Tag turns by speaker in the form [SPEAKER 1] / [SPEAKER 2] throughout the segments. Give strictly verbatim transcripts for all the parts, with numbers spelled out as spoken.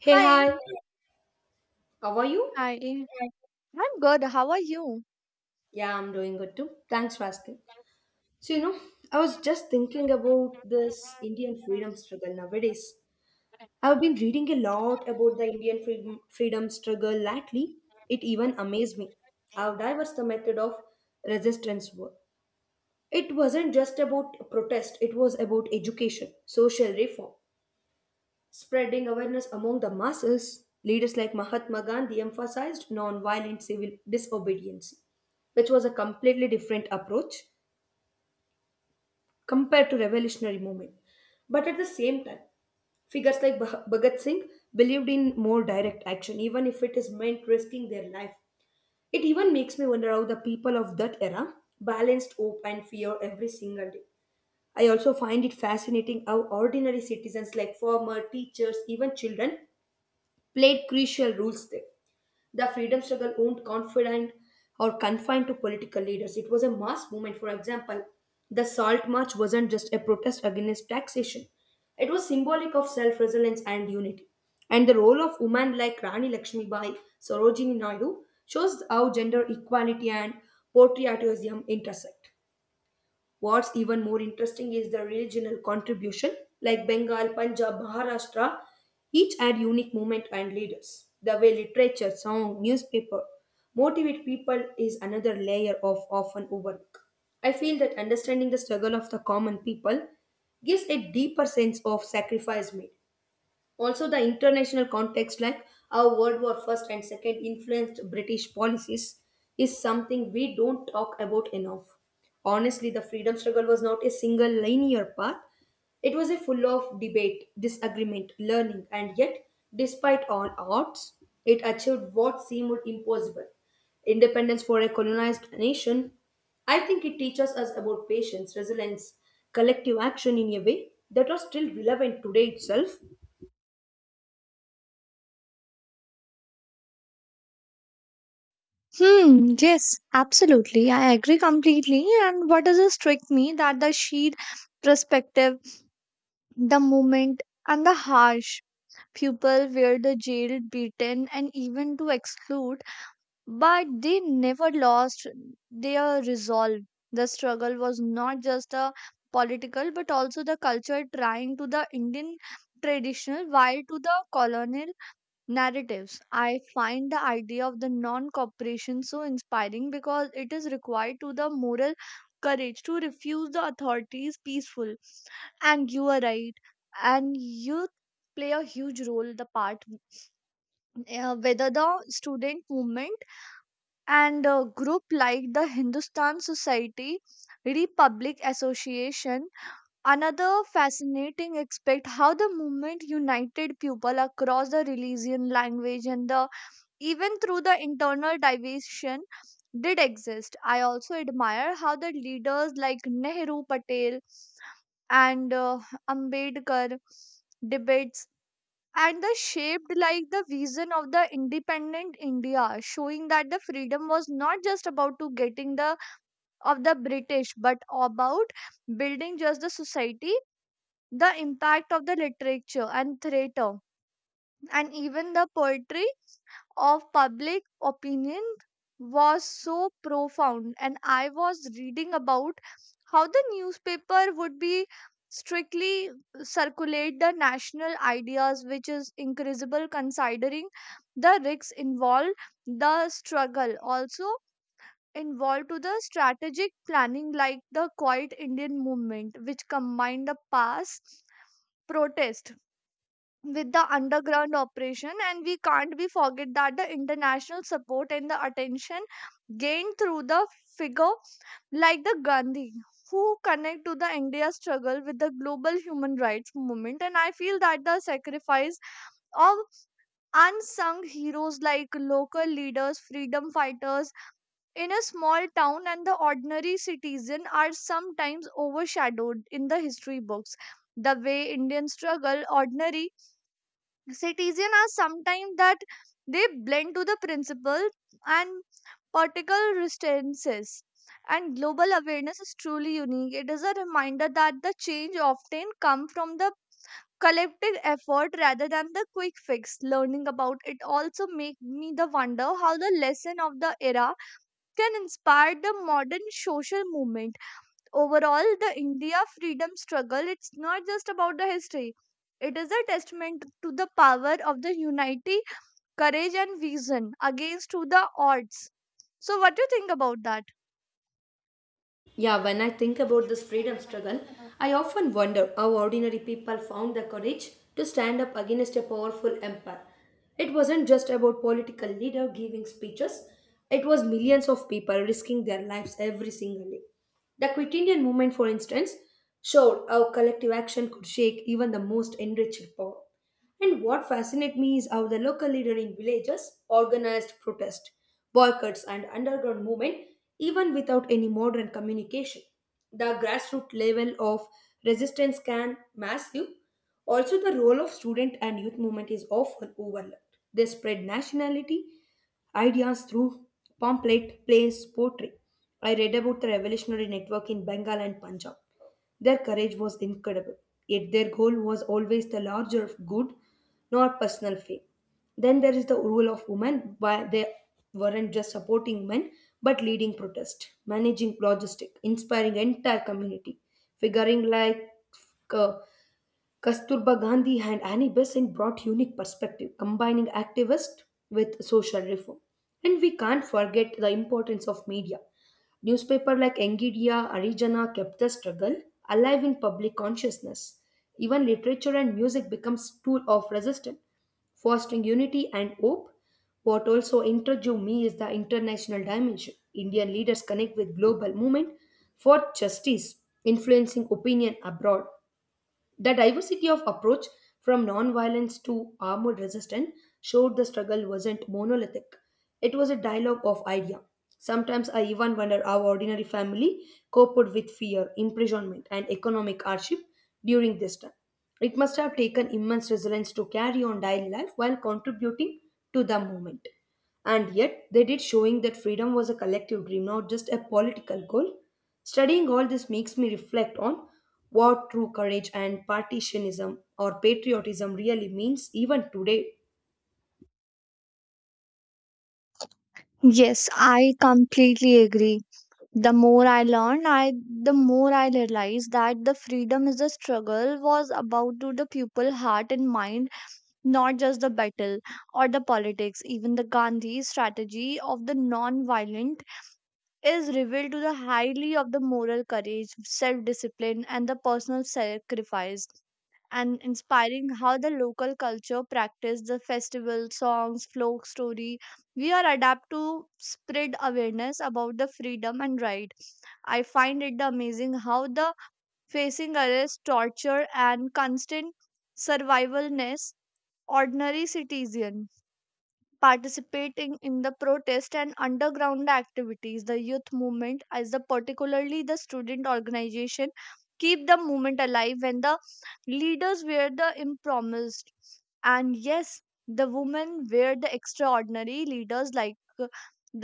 [SPEAKER 1] Hey,
[SPEAKER 2] Hi,
[SPEAKER 1] hi. How are you?
[SPEAKER 2] Hi, I'm good. How are you?
[SPEAKER 1] Yeah, I'm doing good too. Thanks for asking. So, you know, I was just thinking about this Indian freedom struggle nowadays. I've been reading a lot about the Indian freedom, freedom struggle lately. It even amazed me how diverse the method of resistance were. It wasn't just about protest, it was about education, social reform, spreading awareness among the masses. Leaders like Mahatma Gandhi emphasized non-violent civil disobedience, which was a completely different approach compared to revolutionary movement. But at the same time, figures like Bha- Bhagat Singh believed in more direct action, even if it is meant risking their life. It even makes me wonder how the people of that era balanced hope and fear every single day. I also find it fascinating how ordinary citizens like farmer, teachers, even children played crucial roles there. The freedom struggle won't confident or confined to political leaders. It was a mass movement. For example, the Salt March wasn't just a protest against taxation. It was symbolic of self-resilience and unity. And the role of women like Rani Lakshmibai, Sarojini Naidu shows how gender equality and patriotism intersect. What's even more interesting is the regional contribution, like Bengal, Punjab, Maharashtra, each had unique movement and leaders. The way literature, song, newspaper motivate people is another layer of often overlook. I feel that understanding the struggle of the common people gives a deeper sense of sacrifice made. Also, the international context like how world war first and second influenced British policies is something we don't talk about enough. Honestly, the freedom struggle was not a single linear path. It was a full of debate, disagreement, learning, and yet, despite all odds, it achieved what seemed impossible: independence for a colonized nation. I think it teaches us about patience, resilience, collective action in a way that are still relevant today itself.
[SPEAKER 2] Hmm, yes, absolutely. I agree completely. And what does it strike me that the sheer perspective, the moment, and the harsh people were the jailed, beaten, and even to exclude, but they never lost their resolve. The struggle was not just a political but also the culture trying to the Indian traditional while to the colonial narratives. I find the idea of the non cooperation so inspiring because it is required to the moral courage to refuse the authorities peaceful. And you are right. And youth play a huge role the part uh, whether the student movement and a group like the Hindustan Society Republic Association. Another fascinating aspect how the movement united people across the religion, language, and the even through the internal division did exist. I also admire how the leaders like Nehru, Patel, and uh, Ambedkar debates and the shaped like the vision of the independent India, showing that the freedom was not just about to getting the of the British, but about building just the society, the impact of the literature and theatre and even the poetry of public opinion was so profound. And I was reading about how the newspaper would be strictly circulate the national ideas, which is incredible considering the risks involved. The struggle also involved to the strategic planning like the quiet Indian movement, which combined the past protest with the underground operation. And we can't be forget that the international support and the attention gained through the figure like the Gandhi, who connect to the India struggle with the global human rights movement. And I feel that the sacrifice of unsung heroes like local leaders, freedom fighters in a small town and the ordinary citizen are sometimes overshadowed in the history books. The way Indian struggle ordinary citizen are sometimes that they blend to the principle and particle resistances. And global awareness is truly unique. It is a reminder that the change often come from the collective effort rather than the quick fix. Learning about it also make me the wonder how the lesson of the era can inspire the modern social movement. Overall, the India freedom struggle, it's not just about the history, it is a testament to the power of the unity, courage and vision against to the odds. So what do you think about that?
[SPEAKER 1] Yeah, when I think about this freedom struggle, I often wonder how ordinary people found the courage to stand up against a powerful empire. It wasn't just about political leader giving speeches, it was millions of people risking their lives every single day. The Quit Indian movement, for instance, showed how collective action could shake even the most enriched power. And what fascinates me is how the local leader in villages organized protest, boycotts, and underground movement even without any modern communication. The grassroots level of resistance can massive. Also, the role of student and youth movement is often overlooked. They spread nationality ideas through pamphlet, plays, poetry. I read about the revolutionary network in Bengal and Punjab. Their courage was incredible, yet their goal was always the larger good, not personal fame. Then there is the role of women, where they weren't just supporting men but leading protest, managing logistic, inspiring entire community, figuring like uh, Kasturba Gandhi and Annie Besant brought unique perspective, combining activist with social reform. And we can't forget the importance of media. Newspaper like Engidia, Arijana kept the struggle alive in public consciousness. Even literature and music becomes tool of resistance, fostering unity and hope. What also intrigued me is the international dimension. Indian leaders connect with global movement for justice, influencing opinion abroad. The diversity of approach, from non-violence to armored resistance, showed the struggle wasn't monolithic. It was a dialogue of idea. Sometimes I even wonder how ordinary family coped with fear, imprisonment, and economic hardship during this time. It must have taken immense resilience to carry on daily life while contributing to the movement. And yet, they did, showing that freedom was a collective dream, not just a political goal. Studying all this makes me reflect on what true courage and partisanism or patriotism really means even today.
[SPEAKER 2] Yes, I completely agree. The more I learn, I the more I realize that the freedom is a struggle was about to the people heart and mind, not just the battle or the politics. Even the Gandhi strategy of the non-violent is revealed to the highly of the moral courage, self-discipline, and the personal sacrifice, and inspiring how the local culture practice the festival, songs, folk story. We are adapt to spread awareness about the freedom and right. I find it amazing how the facing arrest, torture, and constant survivalness ordinary citizen participating in the protest and underground activities the youth movement as the particularly the student organization keep the movement alive when the leaders were the impromised. And yes, the women were the extraordinary leaders like uh,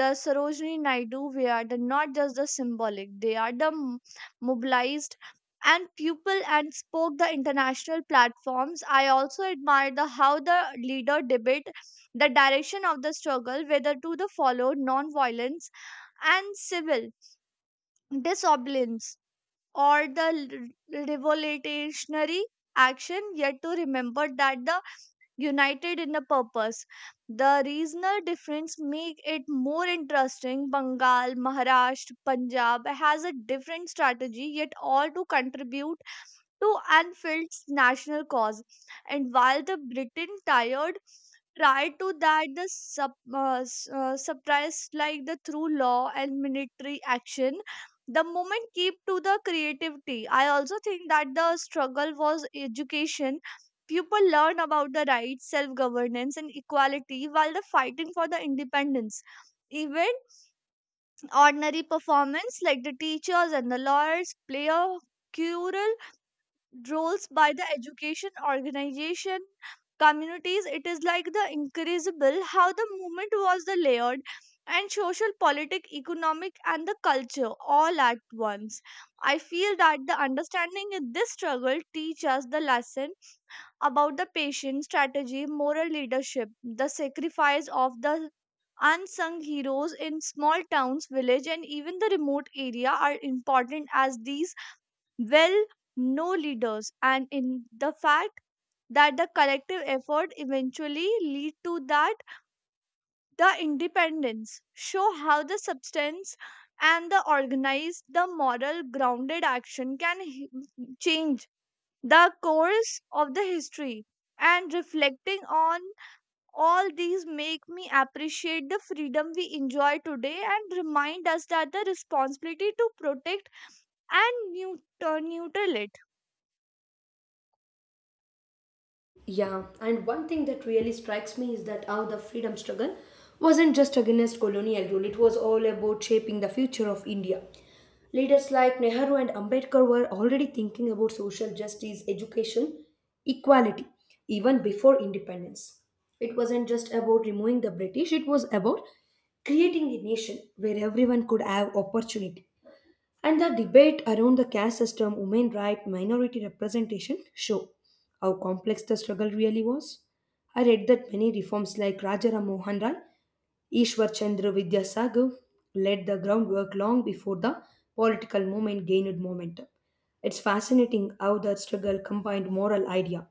[SPEAKER 2] the Sarojini Naidu, we are the not just the symbolic, they are the m- mobilized and people and spoke the international platforms. I also admire the how the leader debate the direction of the struggle, whether to the followed non-violence and civil disobedience or the r- revolutionary action, yet to remember that the united in the purpose. The regional difference make it more interesting. Bengal, Maharashtra, Punjab has a different strategy, yet all to contribute to Anfield's national cause. And while the Britain tired prior to that the sub, uh, s- uh, surprise like the through law and military action, the moment keep to the creativity. I also think that the struggle was education, people learn about the rights self governance and equality while the fighting for the independence. Even ordinary performance like the teachers and the lawyers play a crucial roles by the education organization communities. It is like the incredible how the movement was the layered and social politic economic and the culture all at once. I feel that the understanding in this struggle teach us the lesson about the patient strategy moral leadership, the sacrifice of the unsung heroes in small towns village and even the remote area are important as these well, no leaders, and in the fact that the collective effort eventually lead to that the independence show how the substance and the organized the moral grounded action can h- change the course of the history. And reflecting on all these make me appreciate the freedom we enjoy today and remind us that the responsibility to protect and neut- uh, neutral it.
[SPEAKER 1] Yeah, and one thing that really strikes me is that how the freedom struggle wasn't just against colonial rule, it was all about shaping the future of India. Leaders like Nehru and Ambedkar were already thinking about social justice, education, equality, even before independence. It wasn't just about removing the British, it was about creating a nation where everyone could have opportunity. And the debate around the caste system, women right, minority representation show how complex the struggle really was. I read that many reforms like Rajaram Mohan Rai, Ishwar Chandra Vidyasagar laid the groundwork long before the political movement gained momentum. It's fascinating how the struggle combined moral idea,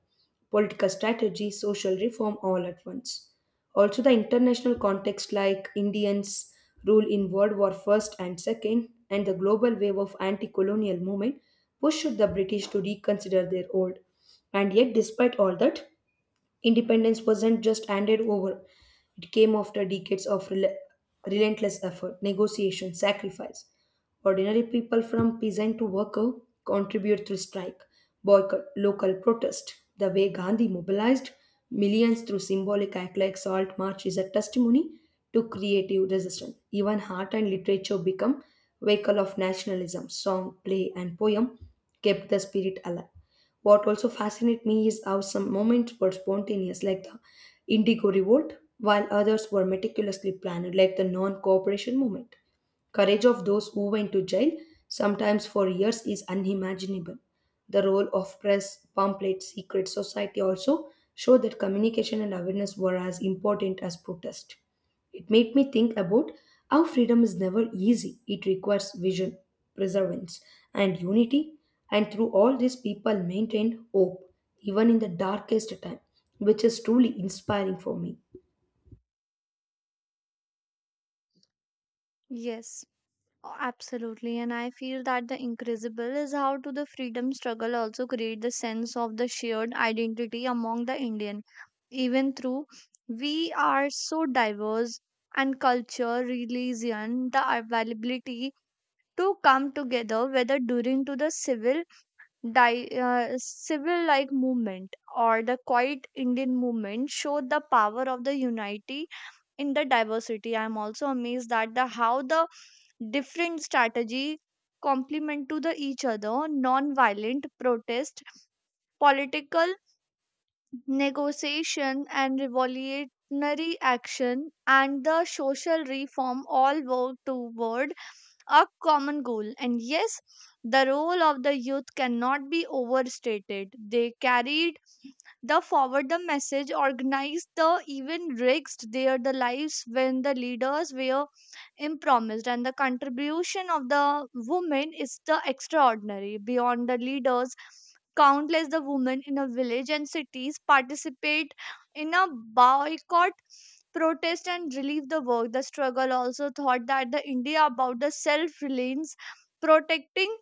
[SPEAKER 1] political strategy, social reform all at once. Also, the international context like Indians' rule in World War One and Two and the global wave of anti-colonial movement pushed the British to reconsider their old. And yet, despite all that, independence wasn't just handed over, it came after decades of rel- relentless effort, negotiation, sacrifice. Ordinary people from peasant to worker contribute through strike, boycott, local protest. The way Gandhi mobilized millions through symbolic act like salt march is a testimony to creative resistance. Even art and literature become vehicle of nationalism. Song, play, and poem kept the spirit alive. What also fascinates me is how some moments were spontaneous, like the Indigo Revolt, while others were meticulously planned, like the non cooperation movement. Courage of those who went to jail, sometimes for years, is unimaginable. The role of press, pamphlets, secret society also show that communication and awareness were as important as protest. It made me think about how freedom is never easy. It requires vision, perseverance, and unity. And through all this, people maintained hope, even in the darkest time, which is truly inspiring for me.
[SPEAKER 2] Yes. Oh, absolutely, and I feel that the incredible is how to the freedom struggle also create the sense of the shared identity among the Indian, even through we are so diverse and culture, religion, the availability to come together, whether during to the civil di- uh, civil like movement or the quiet Indian movement, showed the power of the unity in the diversity. I'm also amazed that the how the different strategy complement to the each other, non-violent protest, political negotiation and revolutionary action and the social reform all work toward a common goal. And yes, the role of the youth cannot be overstated. They carried the forward the message, organized the even risked their the lives when the leaders were impromised. And the contribution of the women is the extraordinary. Beyond the leaders, countless the women in a village and cities participate in a boycott protest and relieve the work. The struggle also thought that the India about the self-reliance, protecting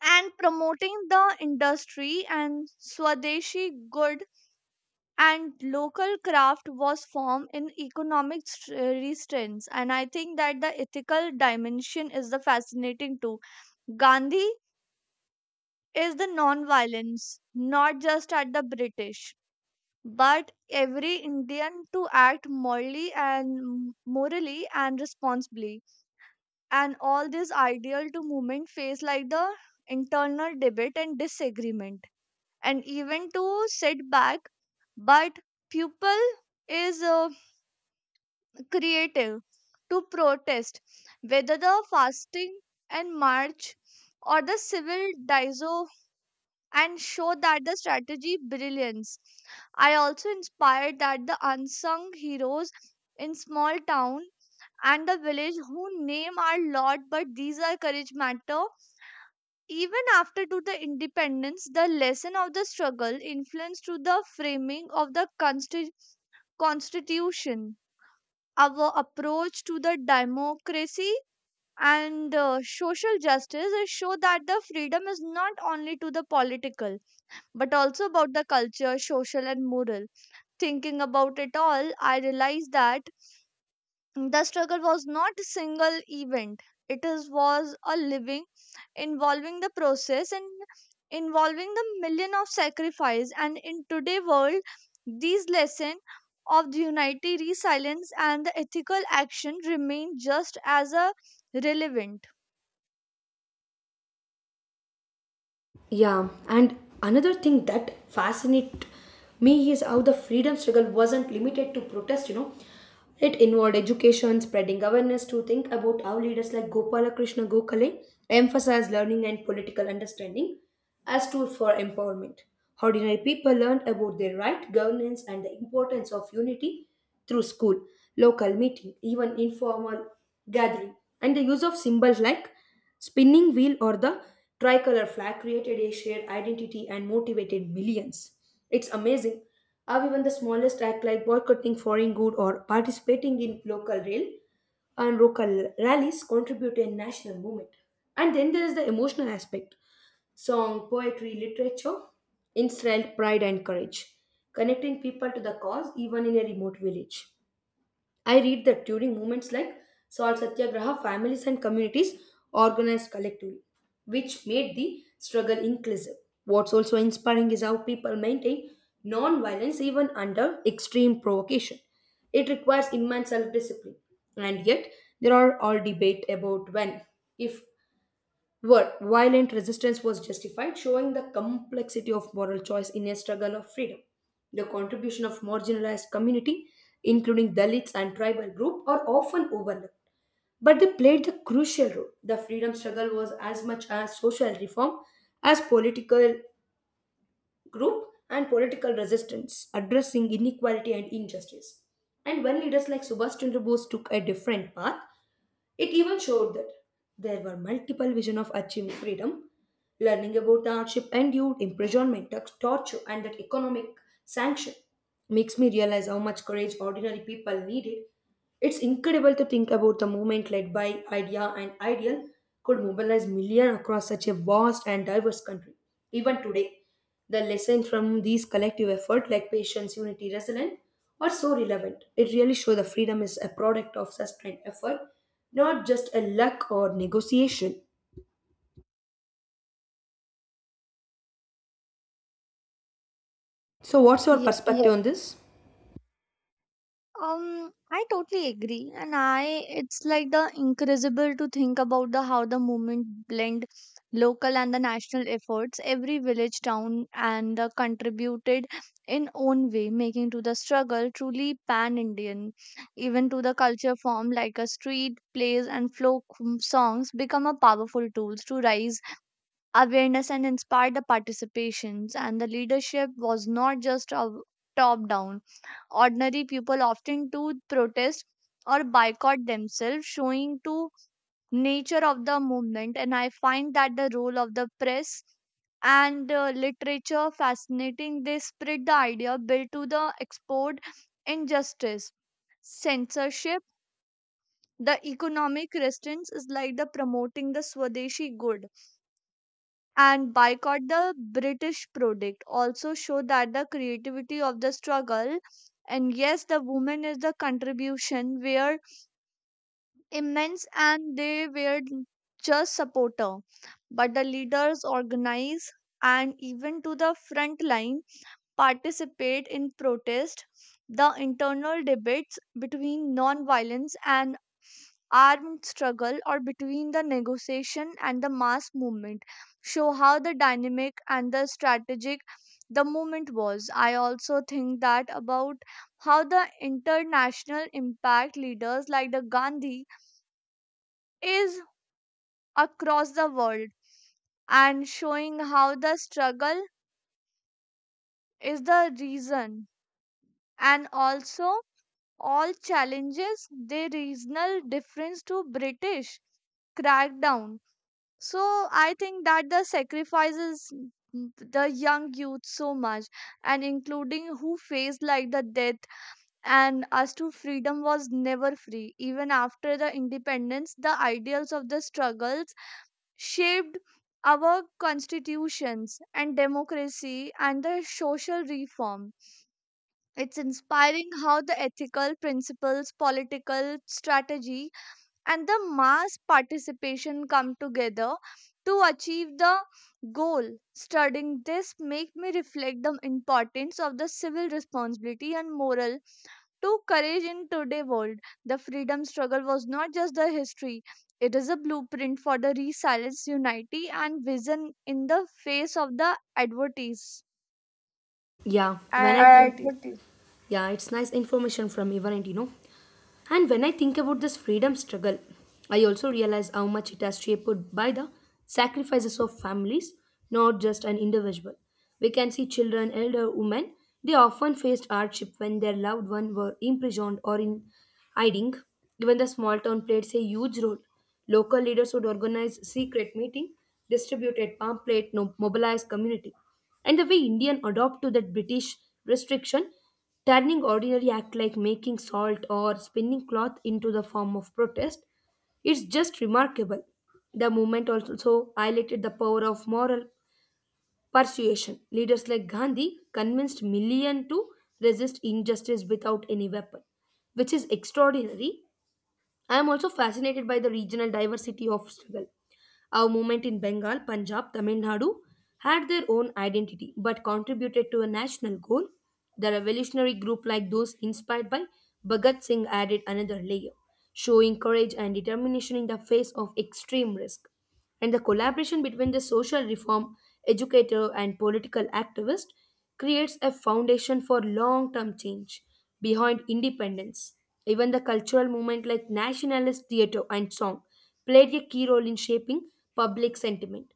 [SPEAKER 2] and promoting the industry and Swadeshi good and local craft was formed in economic str- restraints. And I think that the ethical dimension is the fascinating too. Gandhi is the non-violence, not just at the British, but every Indian to act morally and morally and responsibly. And all this ideal to movement face like the internal debate and disagreement, and even to setback. But people is uh, creative to protest, whether the fasting and march or the civil, and show that the strategy brilliance. I also inspired that the unsung heroes in small town and the village who name are lot but these are courage matter. Even after to the independence, the lesson of the struggle influenced to the framing of the consti- constitution, our approach to the democracy and uh, social justice is show that the freedom is not only to the political but also about the culture, social, and moral. Thinking about it all, I realized that the struggle was not a single event. It is was a living, involving the process and involving the million of sacrifice. And in today's world, these lessons of the unity, resilience, and the ethical action remain just as a relevant.
[SPEAKER 1] Yeah, and another thing that fascinates me is how the freedom struggle wasn't limited to protest, you know. It involved education, spreading awareness to think about how leaders like Gopalakrishna Gokhale emphasized learning and political understanding as tools for empowerment. Ordinary people learned about their right, governance, and the importance of unity through school, local meeting, even informal gathering. And the use of symbols like spinning wheel or the tricolor flag created a shared identity and motivated millions. It's amazing or even the smallest act like boycotting foreign good or participating in local rail and local rallies contribute to a national movement. And then there is the emotional aspect: song, poetry, literature, instilled pride and courage, connecting people to the cause even in a remote village. I read that during movements like Salt Satyagraha, families and communities organized collectively, which made the struggle inclusive. What's also inspiring is how people maintain non violence even under extreme provocation. It requires immense self discipline, and yet there are all debate about when, if were violent resistance was justified, showing the complexity of moral choice in a struggle of freedom. The contribution of marginalized community, including Dalits and tribal group, are often overlooked but they played a crucial role. The freedom struggle was as much a social reform as political group and political resistance, addressing inequality and injustice. And when leaders like Subhash Chandra Bose took a different path, it even showed that there were multiple visions of achieving freedom, learning about the hardship endured, imprisonment, tor- torture, and that economic sanction makes me realize how much courage ordinary people needed. It's incredible to think about the movement led by idea and ideal could mobilize millions across such a vast and diverse country. Even today, the lessons from these collective efforts like patience, unity, resilience are so relevant. It really shows that freedom is a product of sustained effort, not just a luck or negotiation. So, what's your perspective, yes, on this?
[SPEAKER 2] Um, I totally agree, and I it's like the incredible to think about the how the movement blend local and the national efforts. Every village, town, and the contributed in own way, making to the struggle truly pan Indian. Even to the culture form like a street plays and folk m- songs become a powerful tools to rise awareness and inspired the participations. And the leadership was not just a top down, ordinary people often do protest or boycott themselves, showing to nature of the movement. And I find that the role of the press and uh, literature fascinating, they spread the idea built to the export injustice censorship. The economic resistance is like the promoting the Swadeshi good and boycott the British product. Also, show that the creativity of the struggle. And yes, the woman is the contribution were immense and they were just supporter, but the leaders organize and even to the front line participate in protest. The internal debates between non-violence and armed struggle or between the negotiation and the mass movement show how the dynamic and the strategic the movement was. I also think that about how the international impact leaders like the Gandhi is across the world and showing how the struggle is the reason. And also all challenges, the regional difference to British crackdown. So I think that the sacrifices m- the young youth so much and including who faced like the death and as to freedom was never free. Even after the independence, the ideals of the struggles shaped our constitutions and democracy and the social reform. It's inspiring how the ethical principles, political strategy, and the mass participation come together to achieve the goal. Studying this make me reflect the importance of the civil responsibility and moral to courage in today's world. The freedom struggle was not just the history, it is a blueprint for the resilience, unity and vision in the face of the advertise
[SPEAKER 1] Yeah, when I
[SPEAKER 2] advertisement.
[SPEAKER 1] think Yeah, it's nice information from Ivanite, you know. And when I think about this freedom struggle, I also realize how much it has shaped by the sacrifices of families, not just an individual. We can see children, elder women, they often faced hardship when their loved ones were imprisoned or in hiding. Even the small town played a huge role. Local leaders would organize secret meeting, distributed pamphlet, no, mobilized community. And the way Indian adopt to that British restriction, turning ordinary act like making salt or spinning cloth into the form of protest is just remarkable. The movement also highlighted the power of moral persuasion. Leaders like Gandhi convinced millions to resist injustice without any weapon, which is extraordinary. I am also fascinated by the regional diversity of struggle. Our movement in Bengal, Punjab, Tamil Nadu had their own identity but contributed to a national goal. The revolutionary group, like those inspired by Bhagat Singh, added another layer, showing courage and determination in the face of extreme risk. And the collaboration between the social reform educator and political activist creates a foundation for long-term change behind independence. Even the cultural movement like nationalist theater and song played a key role in shaping public sentiment.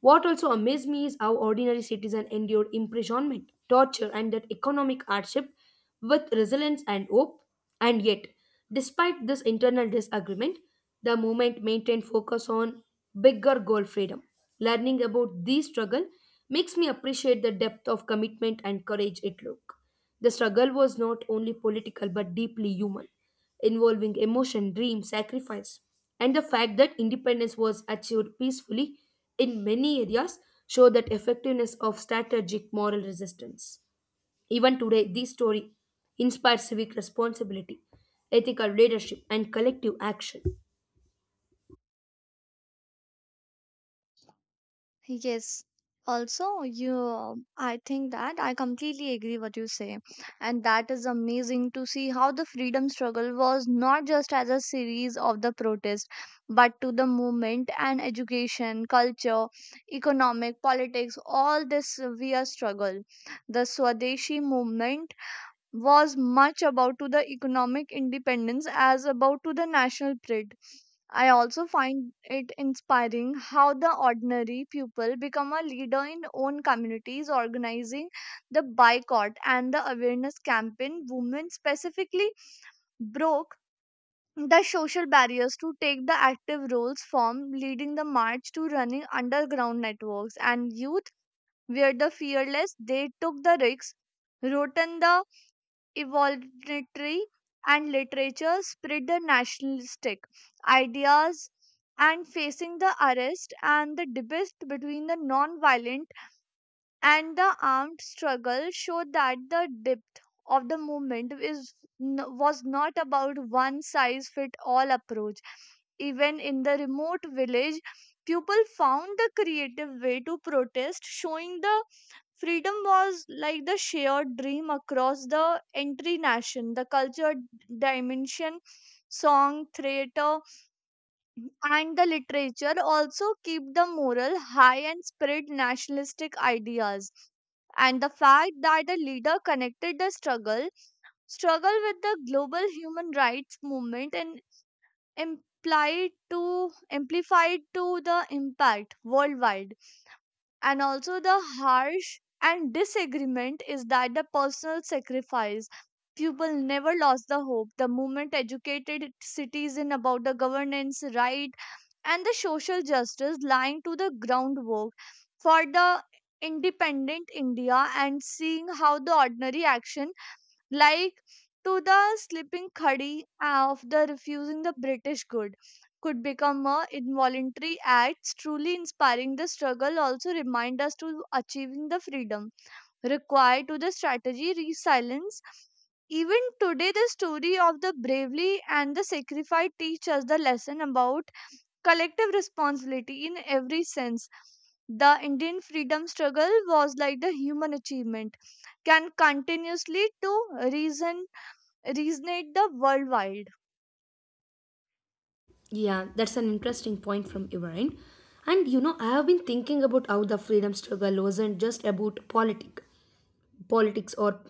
[SPEAKER 1] What also amazed me is how ordinary citizens endured imprisonment, torture, and that economic hardship with resilience and hope. And yet, despite this internal disagreement, the movement maintained focus on bigger goal freedom. Learning about these struggle makes me appreciate the depth of commitment and courage it took. The struggle was not only political but deeply human, involving emotion, dream, sacrifice, and the fact that independence was achieved peacefully in many areas show that effectiveness of strategic moral resistance. Even today, this story inspires civic responsibility, ethical leadership, and collective action.
[SPEAKER 2] Yes. Also, you, I think that I completely agree what you say, and that is amazing to see how the freedom struggle was not just as a series of the protest, but to the movement and education, culture, economic, politics, all this we are struggle. The Swadeshi movement was much about to the economic independence as about to the national pride. I also find it inspiring how the ordinary people become a leader in own communities, organizing the boycott and the awareness campaign. Women specifically broke the social barriers to take the active roles from leading the march to running underground networks, and youth were the fearless, they took the risks, wrote in the evolutionary and literature, spread the nationalistic ideas, and facing the arrest, and the debate between the non-violent and the armed struggle show that the depth of the movement is n- was not about one size fit all approach. Even in the remote village, people found the creative way to protest, showing the freedom was like the shared dream across the entry nation. The culture dimension, song, theater, and the literature also keep the moral high and spread nationalistic ideas. And the fact that the leader connected the struggle struggle with the global human rights movement and implied to amplified to the impact worldwide, and also the harsh and disagreement is that the personal sacrifice, people never lost the hope. The movement educated citizen about the governance right and the social justice, lying to the groundwork for the independent India. And seeing how the ordinary action, like to the slipping khadi of the refusing the British good, could become a involuntary acts truly inspiring. The struggle also remind us to achieving the freedom required to the strategy resilience. Even today, the story of the bravely and the sacrifice teach us the lesson about collective responsibility in every sense. The Indian freedom struggle was like the human achievement can continuously to reason resonate the worldwide.
[SPEAKER 1] Yeah, that's an interesting point from your end. And you know, I have been thinking about how the freedom struggle wasn't just about politics politics or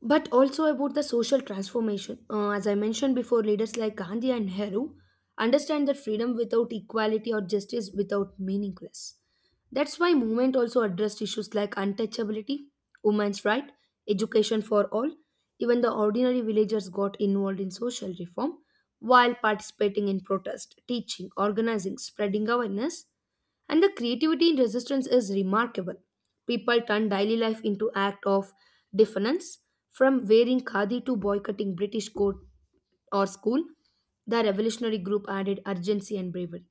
[SPEAKER 1] but also about the social transformation. Uh, as I mentioned before, leaders like Gandhi and Nehru understand that freedom without equality or justice without meaningless. That's why movement also addressed issues like untouchability, women's right, education for all. Even the ordinary villagers got involved in social reform while participating in protest, teaching, organizing, spreading awareness. And the creativity in resistance is remarkable. People turn daily life into act of defiance, from wearing khadi to boycotting British court or school. The revolutionary group added urgency and bravery,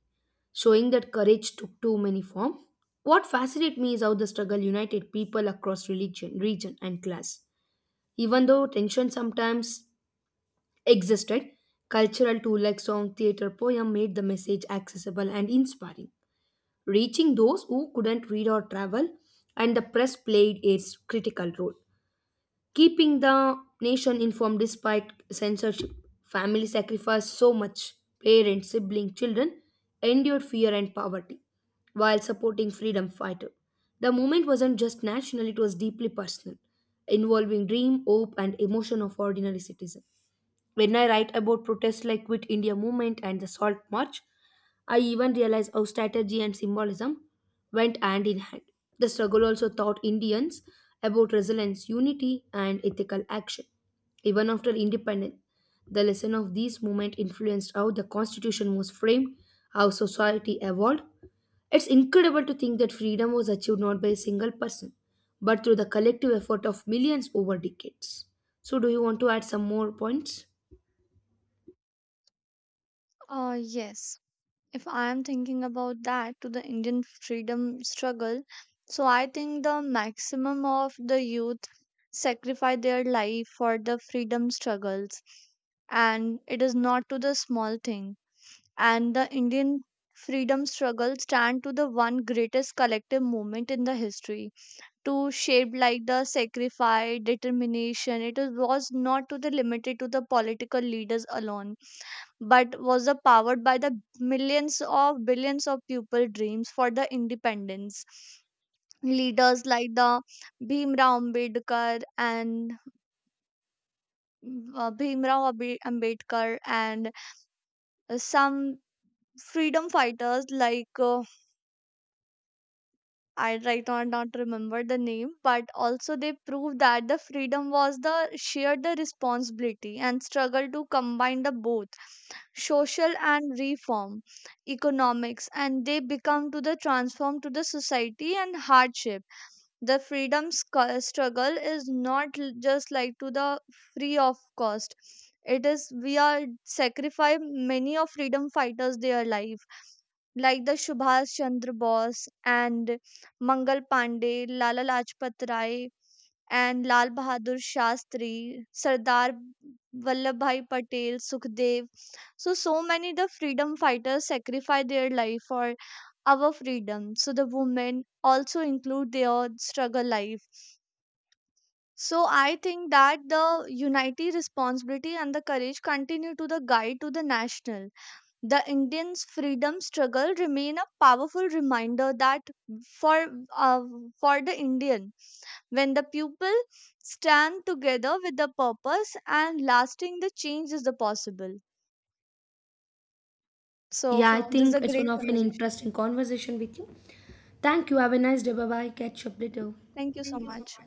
[SPEAKER 1] showing that courage took too many form. What fascinates me is how the struggle united people across religion, region, and class. Even though tension sometimes existed, cultural tools like song, theater, poem made the message accessible and inspiring, reaching those who couldn't read or travel, and the press played its critical role, keeping the nation informed despite censorship. Family sacrificed so much. Parents, siblings, children endured fear and poverty while supporting freedom fighters. The movement wasn't just national, it was deeply personal, involving dream, hope, and emotion of ordinary citizens. When I write about protests like Quit India Movement and the Salt March, I even realize how strategy and symbolism went hand in hand. The struggle also taught Indians about resilience, unity, and ethical action. Even after independence, the lesson of these movements influenced how the constitution was framed, how society evolved. It's incredible to think that freedom was achieved not by a single person, but through the collective effort of millions over decades. So, do you want to add some more points?
[SPEAKER 2] Uh, yes, if I am thinking about that to the Indian freedom struggle, so I think the maximum of the youth sacrifice their life for the freedom struggles, and it is not to the small thing. And the Indian freedom struggle stand to the one greatest collective movement in the history to shape like the sacrifice determination, it is- was not to the limited to the political leaders alone, but was the powered by the millions of billions of people dreams for the independence. Leaders like the Bhimrao Ambedkar and uh, bhimrao Ambe- ambedkar, and uh, some freedom fighters like, uh, I right now not remember the name, but also they proved that the freedom was the shared the responsibility, and struggle to combine the both social and reform economics, and they become to the transform to the society and hardship. The freedom scu- struggle is not l- just like to the free of cost, it is we are sacrifice many of freedom fighters their life, like the Subhash Chandra Bose and Mangal Pandey, Lala Lajpat Rai, and Lal Bahadur Shastri, Sardar Vallabhbhai Patel, Sukhdev. So, so many the freedom fighters sacrificed their life for our freedom. So, the women also include their struggle life. So, I think that the unity, responsibility, and the courage continue to the guide to the national. The Indians' freedom struggle remain a powerful reminder that for, uh, for the Indian, when the people stand together with the purpose and lasting, the change is the possible. So,
[SPEAKER 1] Yeah, I Yeah.
[SPEAKER 2] this is a
[SPEAKER 1] Think it's one
[SPEAKER 2] great
[SPEAKER 1] of an
[SPEAKER 2] conversation.
[SPEAKER 1] interesting conversation with you. Thank you. Have a nice day. Bye bye. Catch up later.
[SPEAKER 2] Thank you so much.